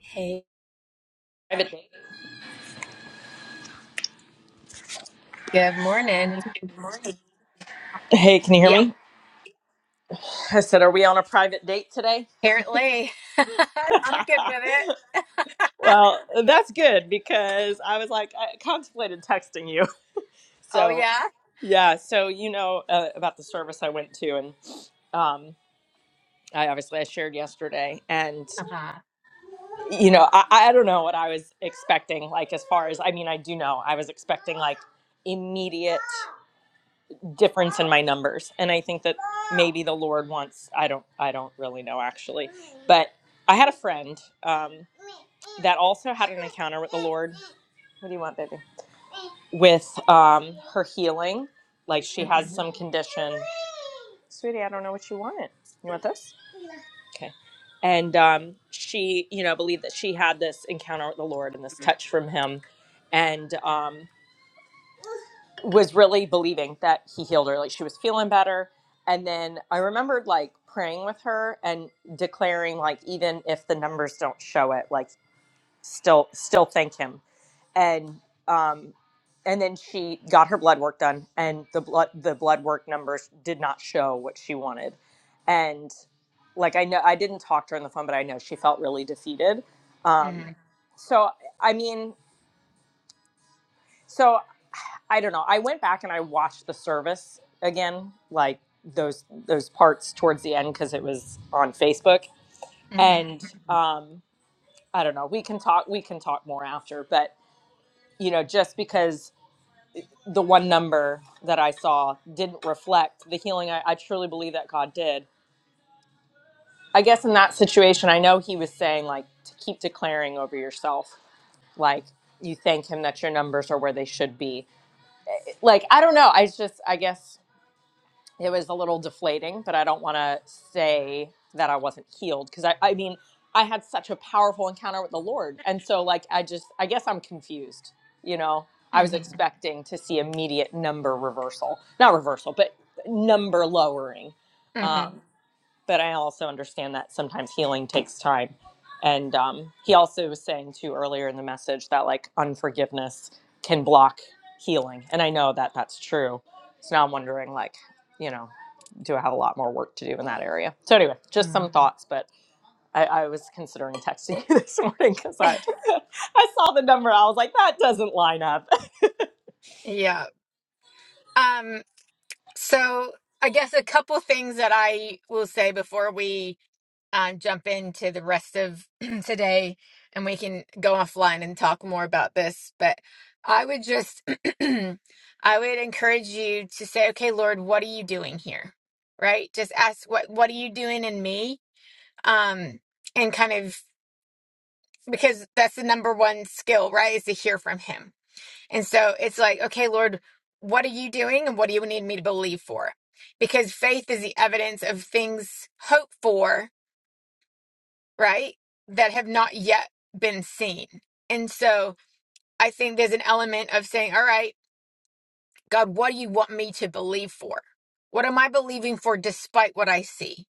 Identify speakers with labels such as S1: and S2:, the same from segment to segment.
S1: Hey,
S2: private date.
S1: good morning.
S2: Hey, can you hear
S1: Yeah,
S2: me? I said, Are we on a private date today?
S1: apparently. I'm good with it.
S2: well, that's good because I was like, I contemplated texting you.
S1: Oh,
S2: So,
S1: yeah.
S2: yeah, so you know uh, about the service I went to, and um, I obviously I shared yesterday, and
S1: Uh-huh.
S2: you know, I, I don't know what I was expecting. Like, as far as I mean, I do know I was expecting like immediate difference in my numbers, and I think that maybe the Lord wants. I don't. I don't really know actually But I had a friend um, that also had an encounter with the Lord. What do you want, baby? With um, her healing. Like she
S1: Mm-hmm.
S2: has some condition. Sweetie, I don't know what you want. You want this? Okay. And um, she, you know, believed that she had this encounter with the Lord and this touch from Him and um, was really believing that He healed her. Like she was feeling better. And then I remembered like praying with her and declaring, like, even if the numbers don't show it, like still still thank him and um and then she got her blood work done and the blood the blood work numbers did not show what she wanted and like i know i didn't talk to her on the phone but i know she felt really defeated um so i mean so i don't know i went back and i watched the service again like those those parts towards the end because it was on facebook and
S1: Mm-hmm.
S2: um i don't know we can talk we can talk more after but you know just because the one number that I saw didn't reflect the healing I, I truly believe that God did. I guess in that situation, I know he was saying, like, to keep declaring over yourself, like, you thank him that your numbers are where they should be. Like, I don't know. I just, I guess it was a little deflating, but I don't want to say that I wasn't healed because I, I mean, I had such a powerful encounter with the Lord. And so, like, I just, I guess I'm confused. You know, I was
S1: Mm-hmm.
S2: expecting to see immediate number reversal, not reversal, but number lowering.
S1: Mm-hmm.
S2: Um, but I also understand that sometimes healing takes time. And um, he also was saying too earlier in the message that like unforgiveness can block healing, and I know that that's true. So now I'm wondering, like, you know, do I have a lot more work to do in that area? So anyway, just
S1: Mm-hmm.
S2: some thoughts, but I, I was considering texting you this morning because I I saw the number, I was like, that doesn't line up.
S1: Yeah. Um, so I guess a couple things that I will say before we um, jump into the rest of today and we can go offline and talk more about this. But I would just, I would encourage you to say, okay, Lord, what are you doing here? Right? Just ask, what, what are you doing in me? Um, and kind of, because that's the number one skill, right? Is to hear from Him. And so it's like, okay, Lord, what are you doing and what do you need me to believe for? Because faith is the evidence of things hoped for right? That have not yet been seen. And so I think there's an element of saying, all right, God, what do you want me to believe for? What am I believing for despite what I see?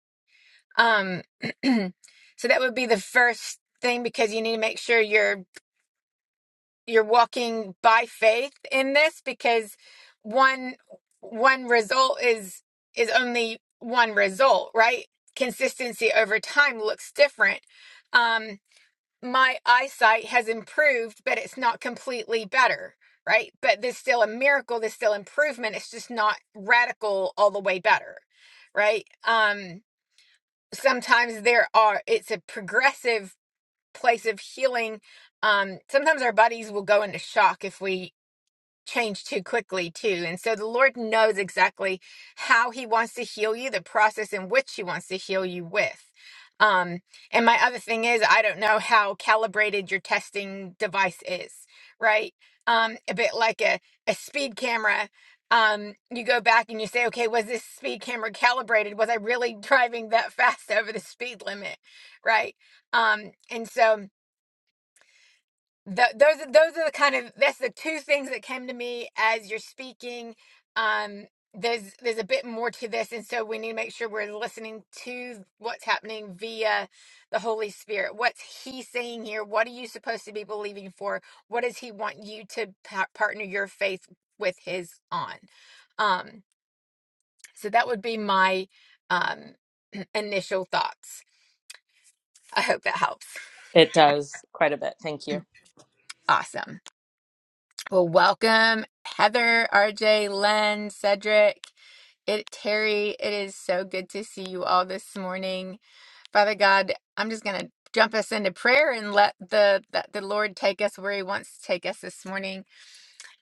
S1: Um, so that would be the first thing because you need to make sure you're you're walking by faith in this because one one result is is only one result, right? Consistency over time looks different. Um. my eyesight has improved, but it's not completely better, right? But there's still a miracle, there's still improvement. It's just not radical all the way better, right? Um, sometimes there are, it's a progressive place of healing. Um, sometimes our bodies will go into shock if we change too quickly too and so the lord knows exactly how he wants to heal you the process in which he wants to heal you with um and my other thing is i don't know how calibrated your testing device is right um a bit like a, a speed camera um you go back and you say okay was this speed camera calibrated was i really driving that fast over the speed limit right um and so Th- those are those are the kind of that's the two things that came to me as you're speaking. Um, there's there's a bit more to this, and so we need to make sure we're listening to what's happening via the Holy Spirit. What's He saying here? What are you supposed to be believing for? What does He want you to pa- partner your faith with His on? Um, so that would be my um, initial thoughts. I hope that helps.
S2: It does quite a bit. Thank you.
S1: Awesome. Well, welcome, Heather, RJ, Len, Cedric, it, Terry. It is so good to see you all this morning. Father God, I'm just going to jump us into prayer and let the, the the Lord take us where He wants to take us this morning.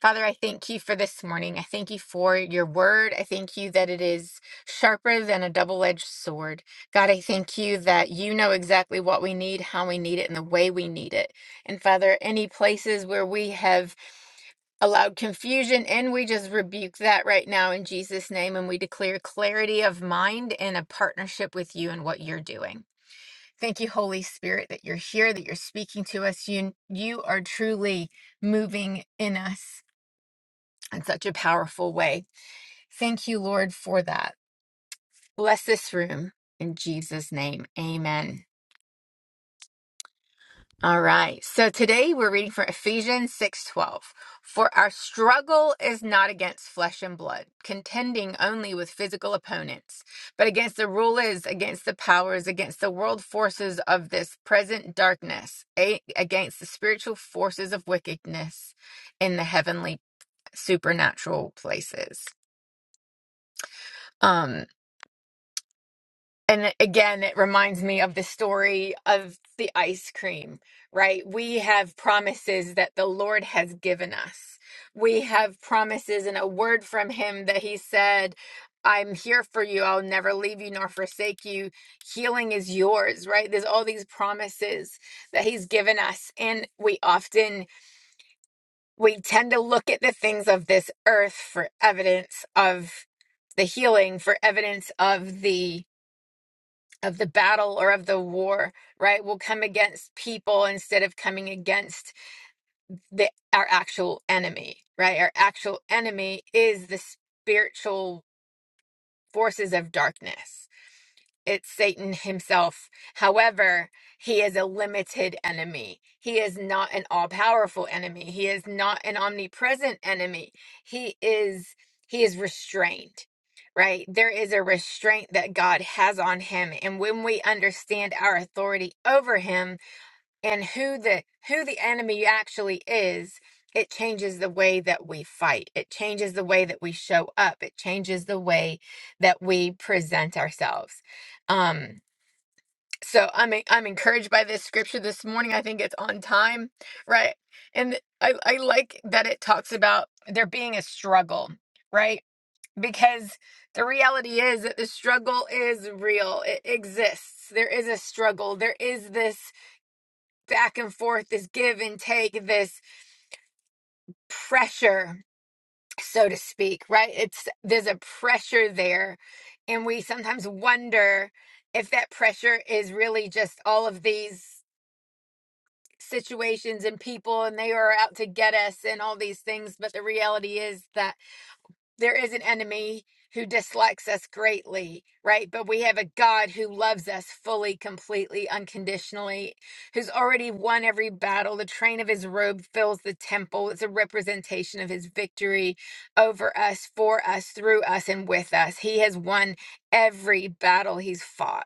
S1: Father, I thank you for this morning. I thank you for your word. I thank you that it is sharper than a double-edged sword. God, I thank you that you know exactly what we need, how we need it, and the way we need it. And Father, any places where we have allowed confusion and we just rebuke that right now in Jesus name and we declare clarity of mind and a partnership with you and what you're doing. Thank you Holy Spirit that you're here that you're speaking to us you you are truly moving in us in such a powerful way. Thank you Lord for that. Bless this room in Jesus name. Amen. All right. So today we're reading from Ephesians 6:12. For our struggle is not against flesh and blood, contending only with physical opponents, but against the rulers, against the powers, against the world forces of this present darkness, a- against the spiritual forces of wickedness in the heavenly supernatural places. Um And again, it reminds me of the story of the ice cream, right? We have promises that the Lord has given us. We have promises and a word from Him that He said, I'm here for you. I'll never leave you nor forsake you. Healing is yours, right? There's all these promises that He's given us. And we often, we tend to look at the things of this earth for evidence of the healing, for evidence of the of the battle or of the war, right, will come against people instead of coming against the our actual enemy, right? Our actual enemy is the spiritual forces of darkness it's Satan himself. However, he is a limited enemy. He is not an all powerful enemy. He is not an omnipresent enemy. He is he is restrained. Right? There is a restraint that God has on him. And when we understand our authority over him, and who the who the enemy actually is it changes the way that we fight it changes the way that we show up it changes the way that we present ourselves um so i'm en- i'm encouraged by this scripture this morning i think it's on time right and i i like that it talks about there being a struggle right because the reality is that the struggle is real it exists there is a struggle there is this back and forth, this give and take, this pressure, so to speak, right? It's there's a pressure there. And we sometimes wonder if that pressure is really just all of these situations and people and they are out to get us and all these things. But the reality is that there is an enemy who dislikes us greatly, right? But we have a God who loves us fully, completely, unconditionally, who's already won every battle. The train of his robe fills the temple. It's a representation of his victory over us, for us, through us, and with us. He has won every battle he's fought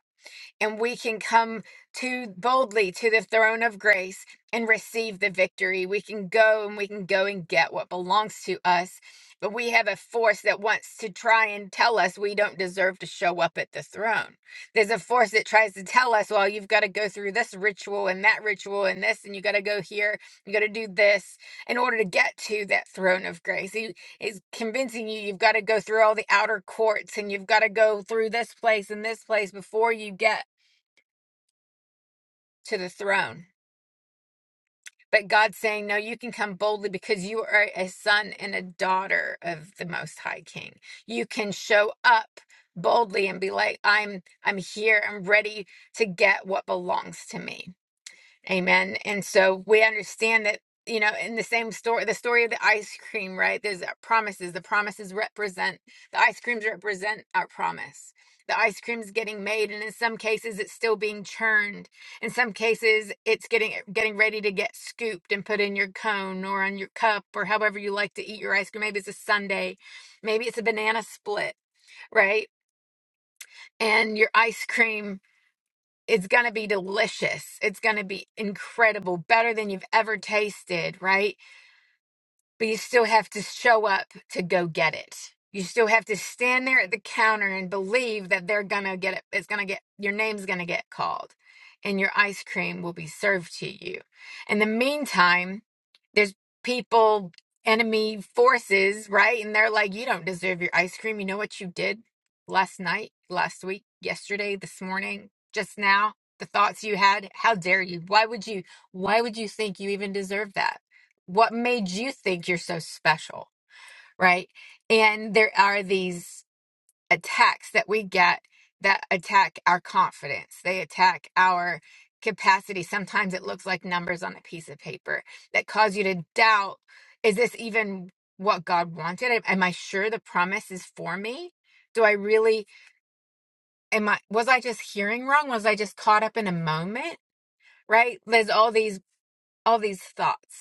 S1: and we can come to boldly to the throne of grace and receive the victory. We can go and we can go and get what belongs to us. But we have a force that wants to try and tell us we don't deserve to show up at the throne. There's a force that tries to tell us, well, you've got to go through this ritual and that ritual and this, and you got to go here, you got to do this in order to get to that throne of grace. He is convincing you you've got to go through all the outer courts and you've got to go through this place and this place before you get to the throne. But God's saying, No, you can come boldly because you are a son and a daughter of the most high king. You can show up boldly and be like, I'm I'm here, I'm ready to get what belongs to me. Amen. And so we understand that, you know, in the same story, the story of the ice cream, right? There's uh, promises. The promises represent, the ice creams represent our promise. The ice cream's getting made, and in some cases, it's still being churned. In some cases, it's getting getting ready to get scooped and put in your cone or on your cup or however you like to eat your ice cream. Maybe it's a sundae, maybe it's a banana split, right? And your ice cream it's going to be delicious. It's going to be incredible, better than you've ever tasted, right? but you still have to show up to go get it. You still have to stand there at the counter and believe that they're gonna get it. It's gonna get your name's gonna get called, and your ice cream will be served to you. In the meantime, there's people, enemy forces, right? And they're like, "You don't deserve your ice cream. You know what you did last night, last week, yesterday, this morning, just now." The thoughts you had, how dare you? Why would you? Why would you think you even deserve that? what made you think you're so special right and there are these attacks that we get that attack our confidence they attack our capacity sometimes it looks like numbers on a piece of paper that cause you to doubt is this even what god wanted am am i sure the promise is for me do i really am i was i just hearing wrong was i just caught up in a moment right there's all these all these thoughts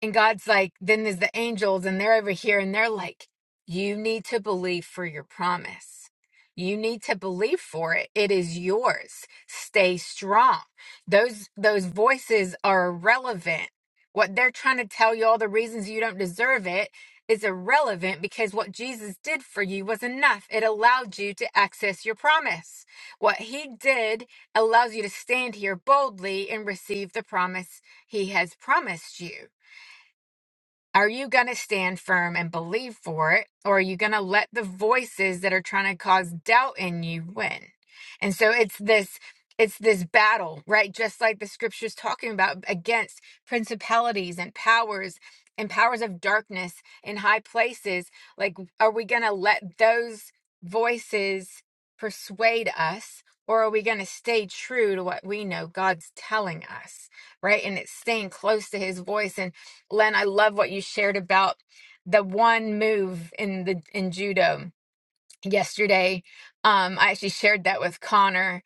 S1: And God's like, then there's the angels, and they're over here, and they're like, you need to believe for your promise. You need to believe for it. It is yours. Stay strong. Those those voices are irrelevant. What they're trying to tell you all the reasons you don't deserve it is irrelevant because what Jesus did for you was enough. It allowed you to access your promise. What he did allows you to stand here boldly and receive the promise he has promised you. Are you going to stand firm and believe for it? Or are you going to let the voices that are trying to cause doubt in you win? And so it's this. It's this battle, right? Just like the scripture's talking about against principalities and powers and powers of darkness in high places. Like, are we going to let those voices persuade us, or are we going to stay true to what we know God's telling us, right? And it's staying close to his voice. And Len, I love what you shared about the one move in the in judo yesterday. Um, I actually shared that with Connor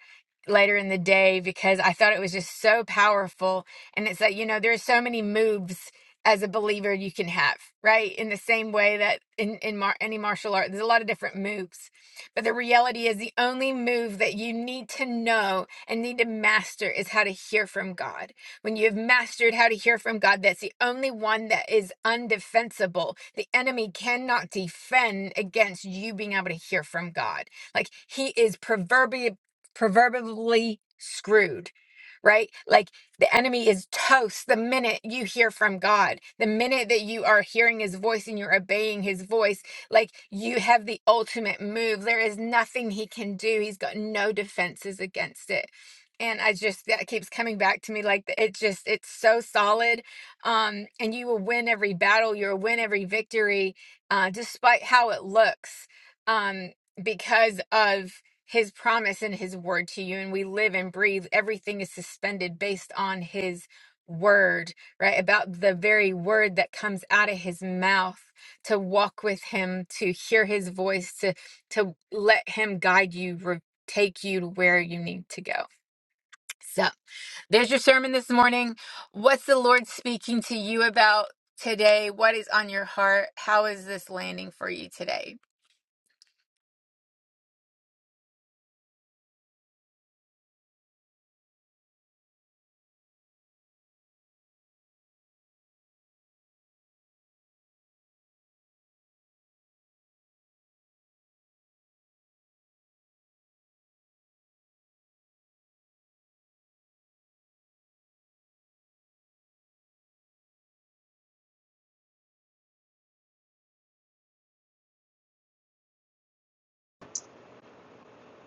S1: later in the day because I thought it was just so powerful. And it's like, you know, there's so many moves as a believer you can have, right? In the same way that in, in mar- any martial art, there's a lot of different moves. But the reality is the only move that you need to know and need to master is how to hear from God when you have mastered how to hear from God, that's the only one that is undefensible. The enemy cannot defend against you being able to hear from God. Like he is proverbial, proverbially screwed, right? Like the enemy is toast the minute you hear from God, the minute that you are hearing his voice and you're obeying his voice. Like you have the ultimate move. There is nothing he can do, he's got no defenses against it and i just that keeps coming back to me like th- it just it's so solid um and you will win every battle you'll win every victory uh despite how it looks um because of his promise and his word to you and we live and breathe everything is suspended based on his word right about the very word that comes out of his mouth to walk with him to hear his voice to to let him guide you re- take you to where you need to go so there's your sermon this morning. What's the Lord speaking to you about today? What is on your heart? How is this landing for you today?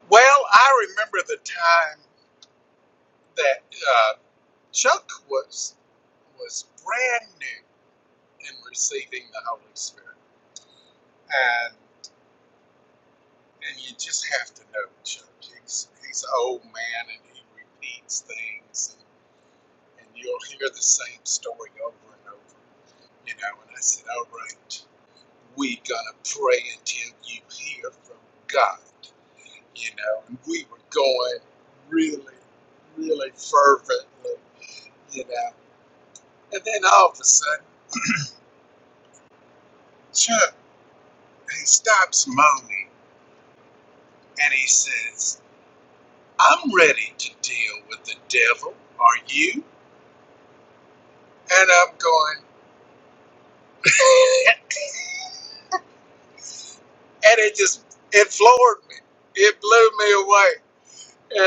S3: Well, I remember the time that uh, Chuck was was brand new in receiving the Holy Spirit, and and you just have to know Chuck. He's he's an old man, and he repeats things, and, and you'll hear the same story over and over. You know, and I said, all right, we right, gonna pray until you hear from God. You know, and we were going really, really fervently. You know. And then all of a sudden, Chuck, he stops moaning and he says, I'm ready to deal with the devil. Are you? And I'm going, and it just, it floored me. It blew me away.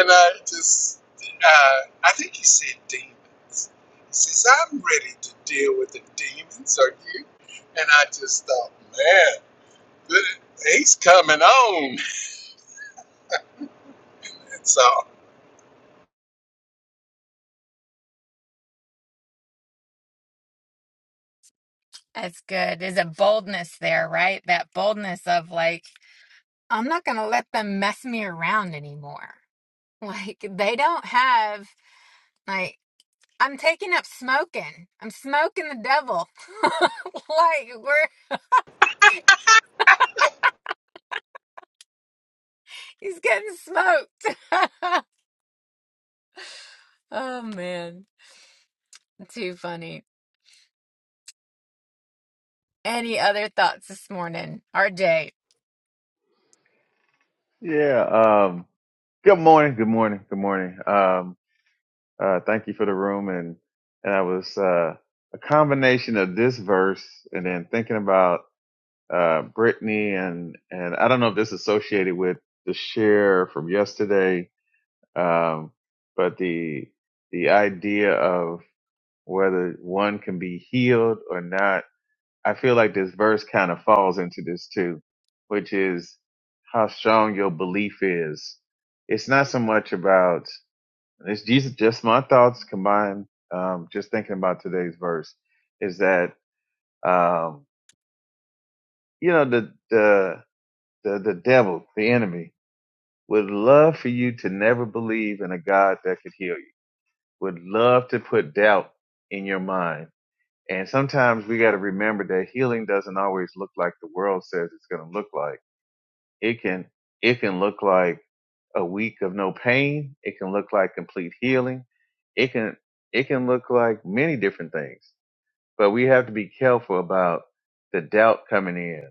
S3: And I just, uh, I think he said demons. He says, I'm ready to deal with the demons. Are you? And I just thought, man, he's coming on. And So.
S1: That's good. There's a boldness there, right? That boldness of like, I'm not going to let them mess me around anymore. Like, they don't have, like, I'm taking up smoking. I'm smoking the devil. like, we're, he's getting smoked. oh, man. Too funny. Any other thoughts this morning? RJ.
S4: Yeah. Um, good morning. Good morning. Good morning. Um, uh, thank you for the room. And, and I was, uh, a combination of this verse and then thinking about, uh, Brittany and, and I don't know if this is associated with the share from yesterday. Um, but the, the idea of whether one can be healed or not I feel like this verse kind of falls into this too, which is how strong your belief is. It's not so much about it's Jesus. Just my thoughts combined. Um, just thinking about today's verse is that um, you know the the the the devil, the enemy, would love for you to never believe in a God that could heal you. Would love to put doubt in your mind. And sometimes we got to remember that healing doesn't always look like the world says it's going to look like It can it can look like a week of no pain. It can look like complete healing. It can it can look like many different things. But we have to be careful about the doubt coming in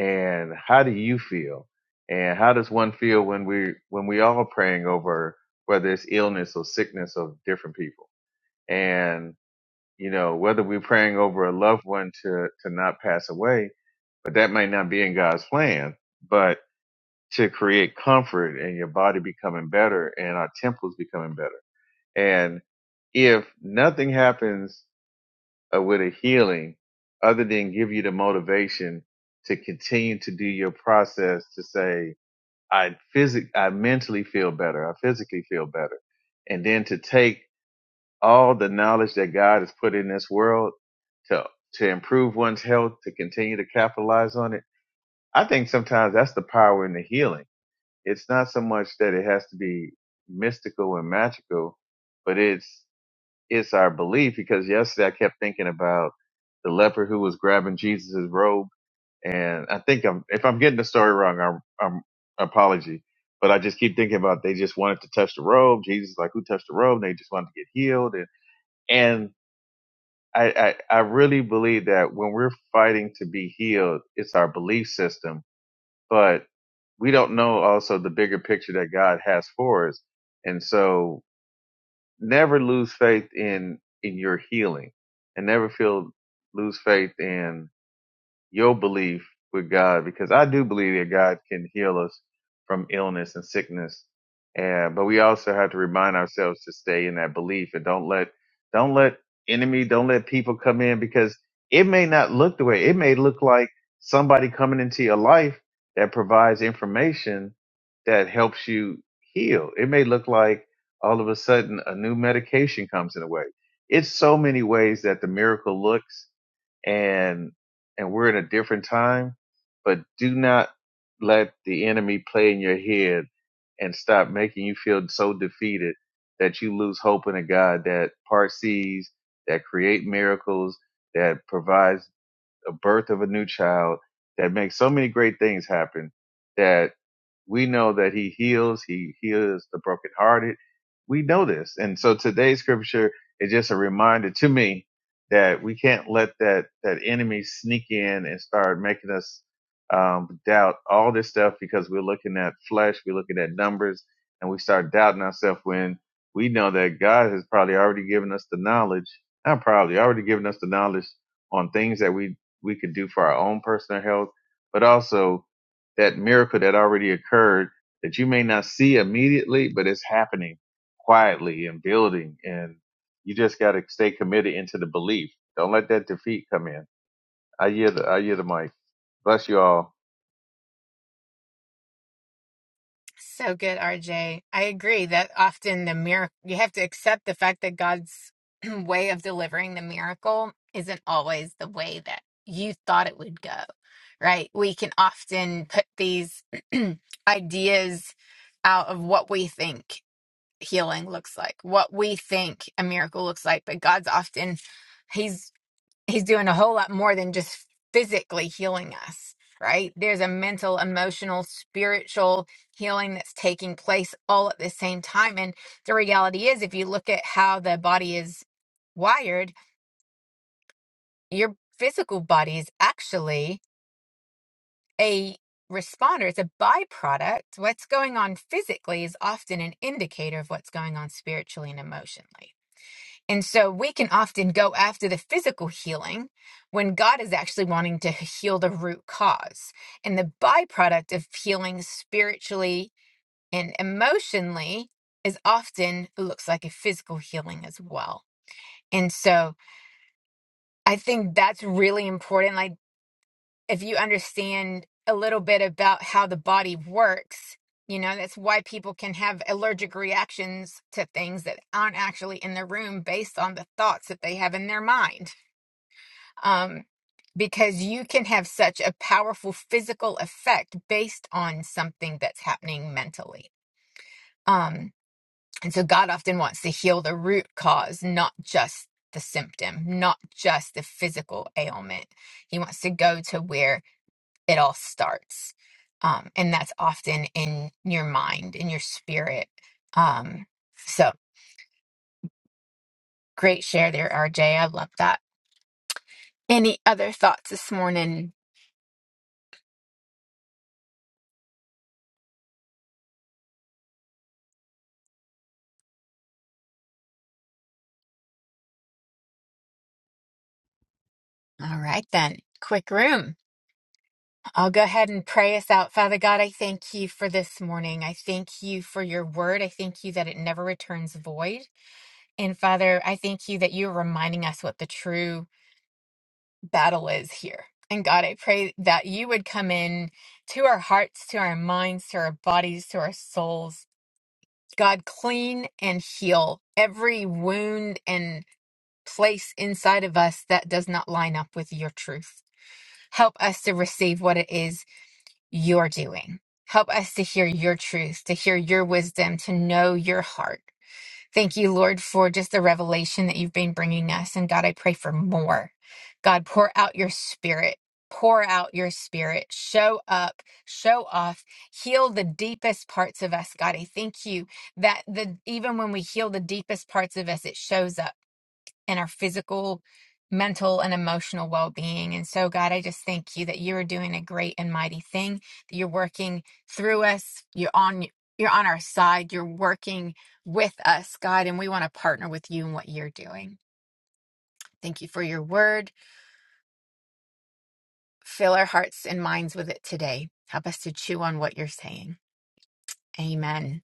S4: and how do you feel? And how does one feel when we when we are praying over whether it's illness or sickness of different people? And you know, whether we're praying over a loved one to to not pass away, but that might not be in God's plan. But to create comfort and your body becoming better and our temples becoming better. And if nothing happens uh, with a healing other than give you the motivation to continue to do your process to say, I physic, I mentally feel better. I physically feel better. And then to take all the knowledge that God has put in this world to, to improve one's health, to continue to capitalize on it. I think sometimes that's the power in the healing it's not so much that it has to be mystical and magical, but it's it's our belief because yesterday I kept thinking about the leper who was grabbing Jesus's robe, and I think I'm if I'm getting the story wrong, I'm, I'm apology, but I just keep thinking about they just wanted to touch the robe. Jesus is like who touched the robe? And They just wanted to get healed, and and I, I I really believe that when we're fighting to be healed, it's our belief system but we don't know also the bigger picture that God has for us. And so never lose faith in in your healing and never feel lose faith in your belief with God, because I do believe that God can heal us from illness and sickness. Uh, but we also have to remind ourselves to stay in that belief and don't let, don't let enemy, don't let people come in because it may not look the way it may look like somebody coming into your life that provides information that helps you heal. It may look like all of a sudden a new medication comes in a way. It's so many ways that the miracle looks and and we're in a different time, but do not let the enemy play in your head and stop making you feel so defeated that you lose hope in a God that part sees, that create miracles, that provides a birth of a new child that makes so many great things happen that we know that he heals, he heals the brokenhearted. We know this. And so today's scripture is just a reminder to me that we can't let that, that enemy sneak in and start making us um, doubt all this stuff because we're looking at flesh, we're looking at numbers, and we start doubting ourselves when we know that God has probably already given us the knowledge, not probably already given us the knowledge on things that we we could do for our own personal health, but also that miracle that already occurred that you may not see immediately, but it's happening quietly and building. And you just got to stay committed into the belief. Don't let that defeat come in. I hear the, I hear the mic. Bless you all.
S1: So good, RJ. I agree that often the miracle, you have to accept the fact that God's way of delivering the miracle isn't always the way that you thought it would go, right? We can often put these ideas out of what we think healing looks like, what we think a miracle looks like, but God's often. He's he's doing a whole lot more than just physically healing us right there's a mental emotional spiritual healing that's taking place all at the same time and the reality is if you look at how the body is wired your physical body is actually a responder it's a byproduct what's going on physically is often an indicator of what's going on spiritually and emotionally And so we can often go after the physical healing when God is actually wanting to heal the root cause. And the byproduct of healing spiritually and emotionally is often looks like a physical healing as well. And so I think that's really important. Like if you understand a little bit about how the body works, you know, that's why people can have allergic reactions to things that aren't actually in the room based on the thoughts that they have in their mind um, because you can have such a powerful physical effect based on something that's happening mentally. Um, and so God often wants to heal the root cause, not just the symptom, not just the physical ailment. He wants to go to where it all starts. Um, and that's often in your mind, in your spirit. Um, so great share there, RJ. I love that. Any other thoughts this morning? All right, then. Quick room. I'll go ahead and pray us out. Father God, I thank you for this morning. I thank you for your word. I thank you that it never returns void. And Father, I thank you that you're reminding us what the true battle is here. And God, I pray that you would come in to our hearts, to our minds, to our bodies, to our souls. God, clean and heal every wound and place inside of us that does not line up with your truth. Help us to receive what it is you're doing. Help us to hear your truth, to hear your wisdom, to know your heart. Thank you, Lord, for just the revelation that you've been bringing us. And God, I pray for more. God, pour out your spirit. Pour out your spirit. Show up, show off, heal the deepest parts of us, God. I thank you that the even when we heal the deepest parts of us, it shows up and our physical, mental, and emotional well being. And so, God, I just thank you that you are doing a great and mighty thing, that you're working through us, you're on. You're on our side. You're working with us, God, and we want to partner with you in what you're doing. Thank you for your word. Fill our hearts and minds with it today. Help us to chew on what you're saying. Amen.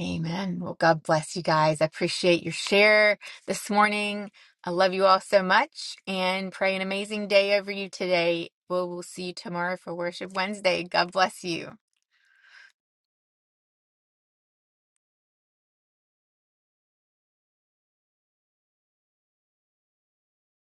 S1: Amen. Well, God bless you guys. I appreciate your share this morning. I love you all so much and pray an amazing day over you today. We'll, we'll see you tomorrow for Worship Wednesday. God bless you.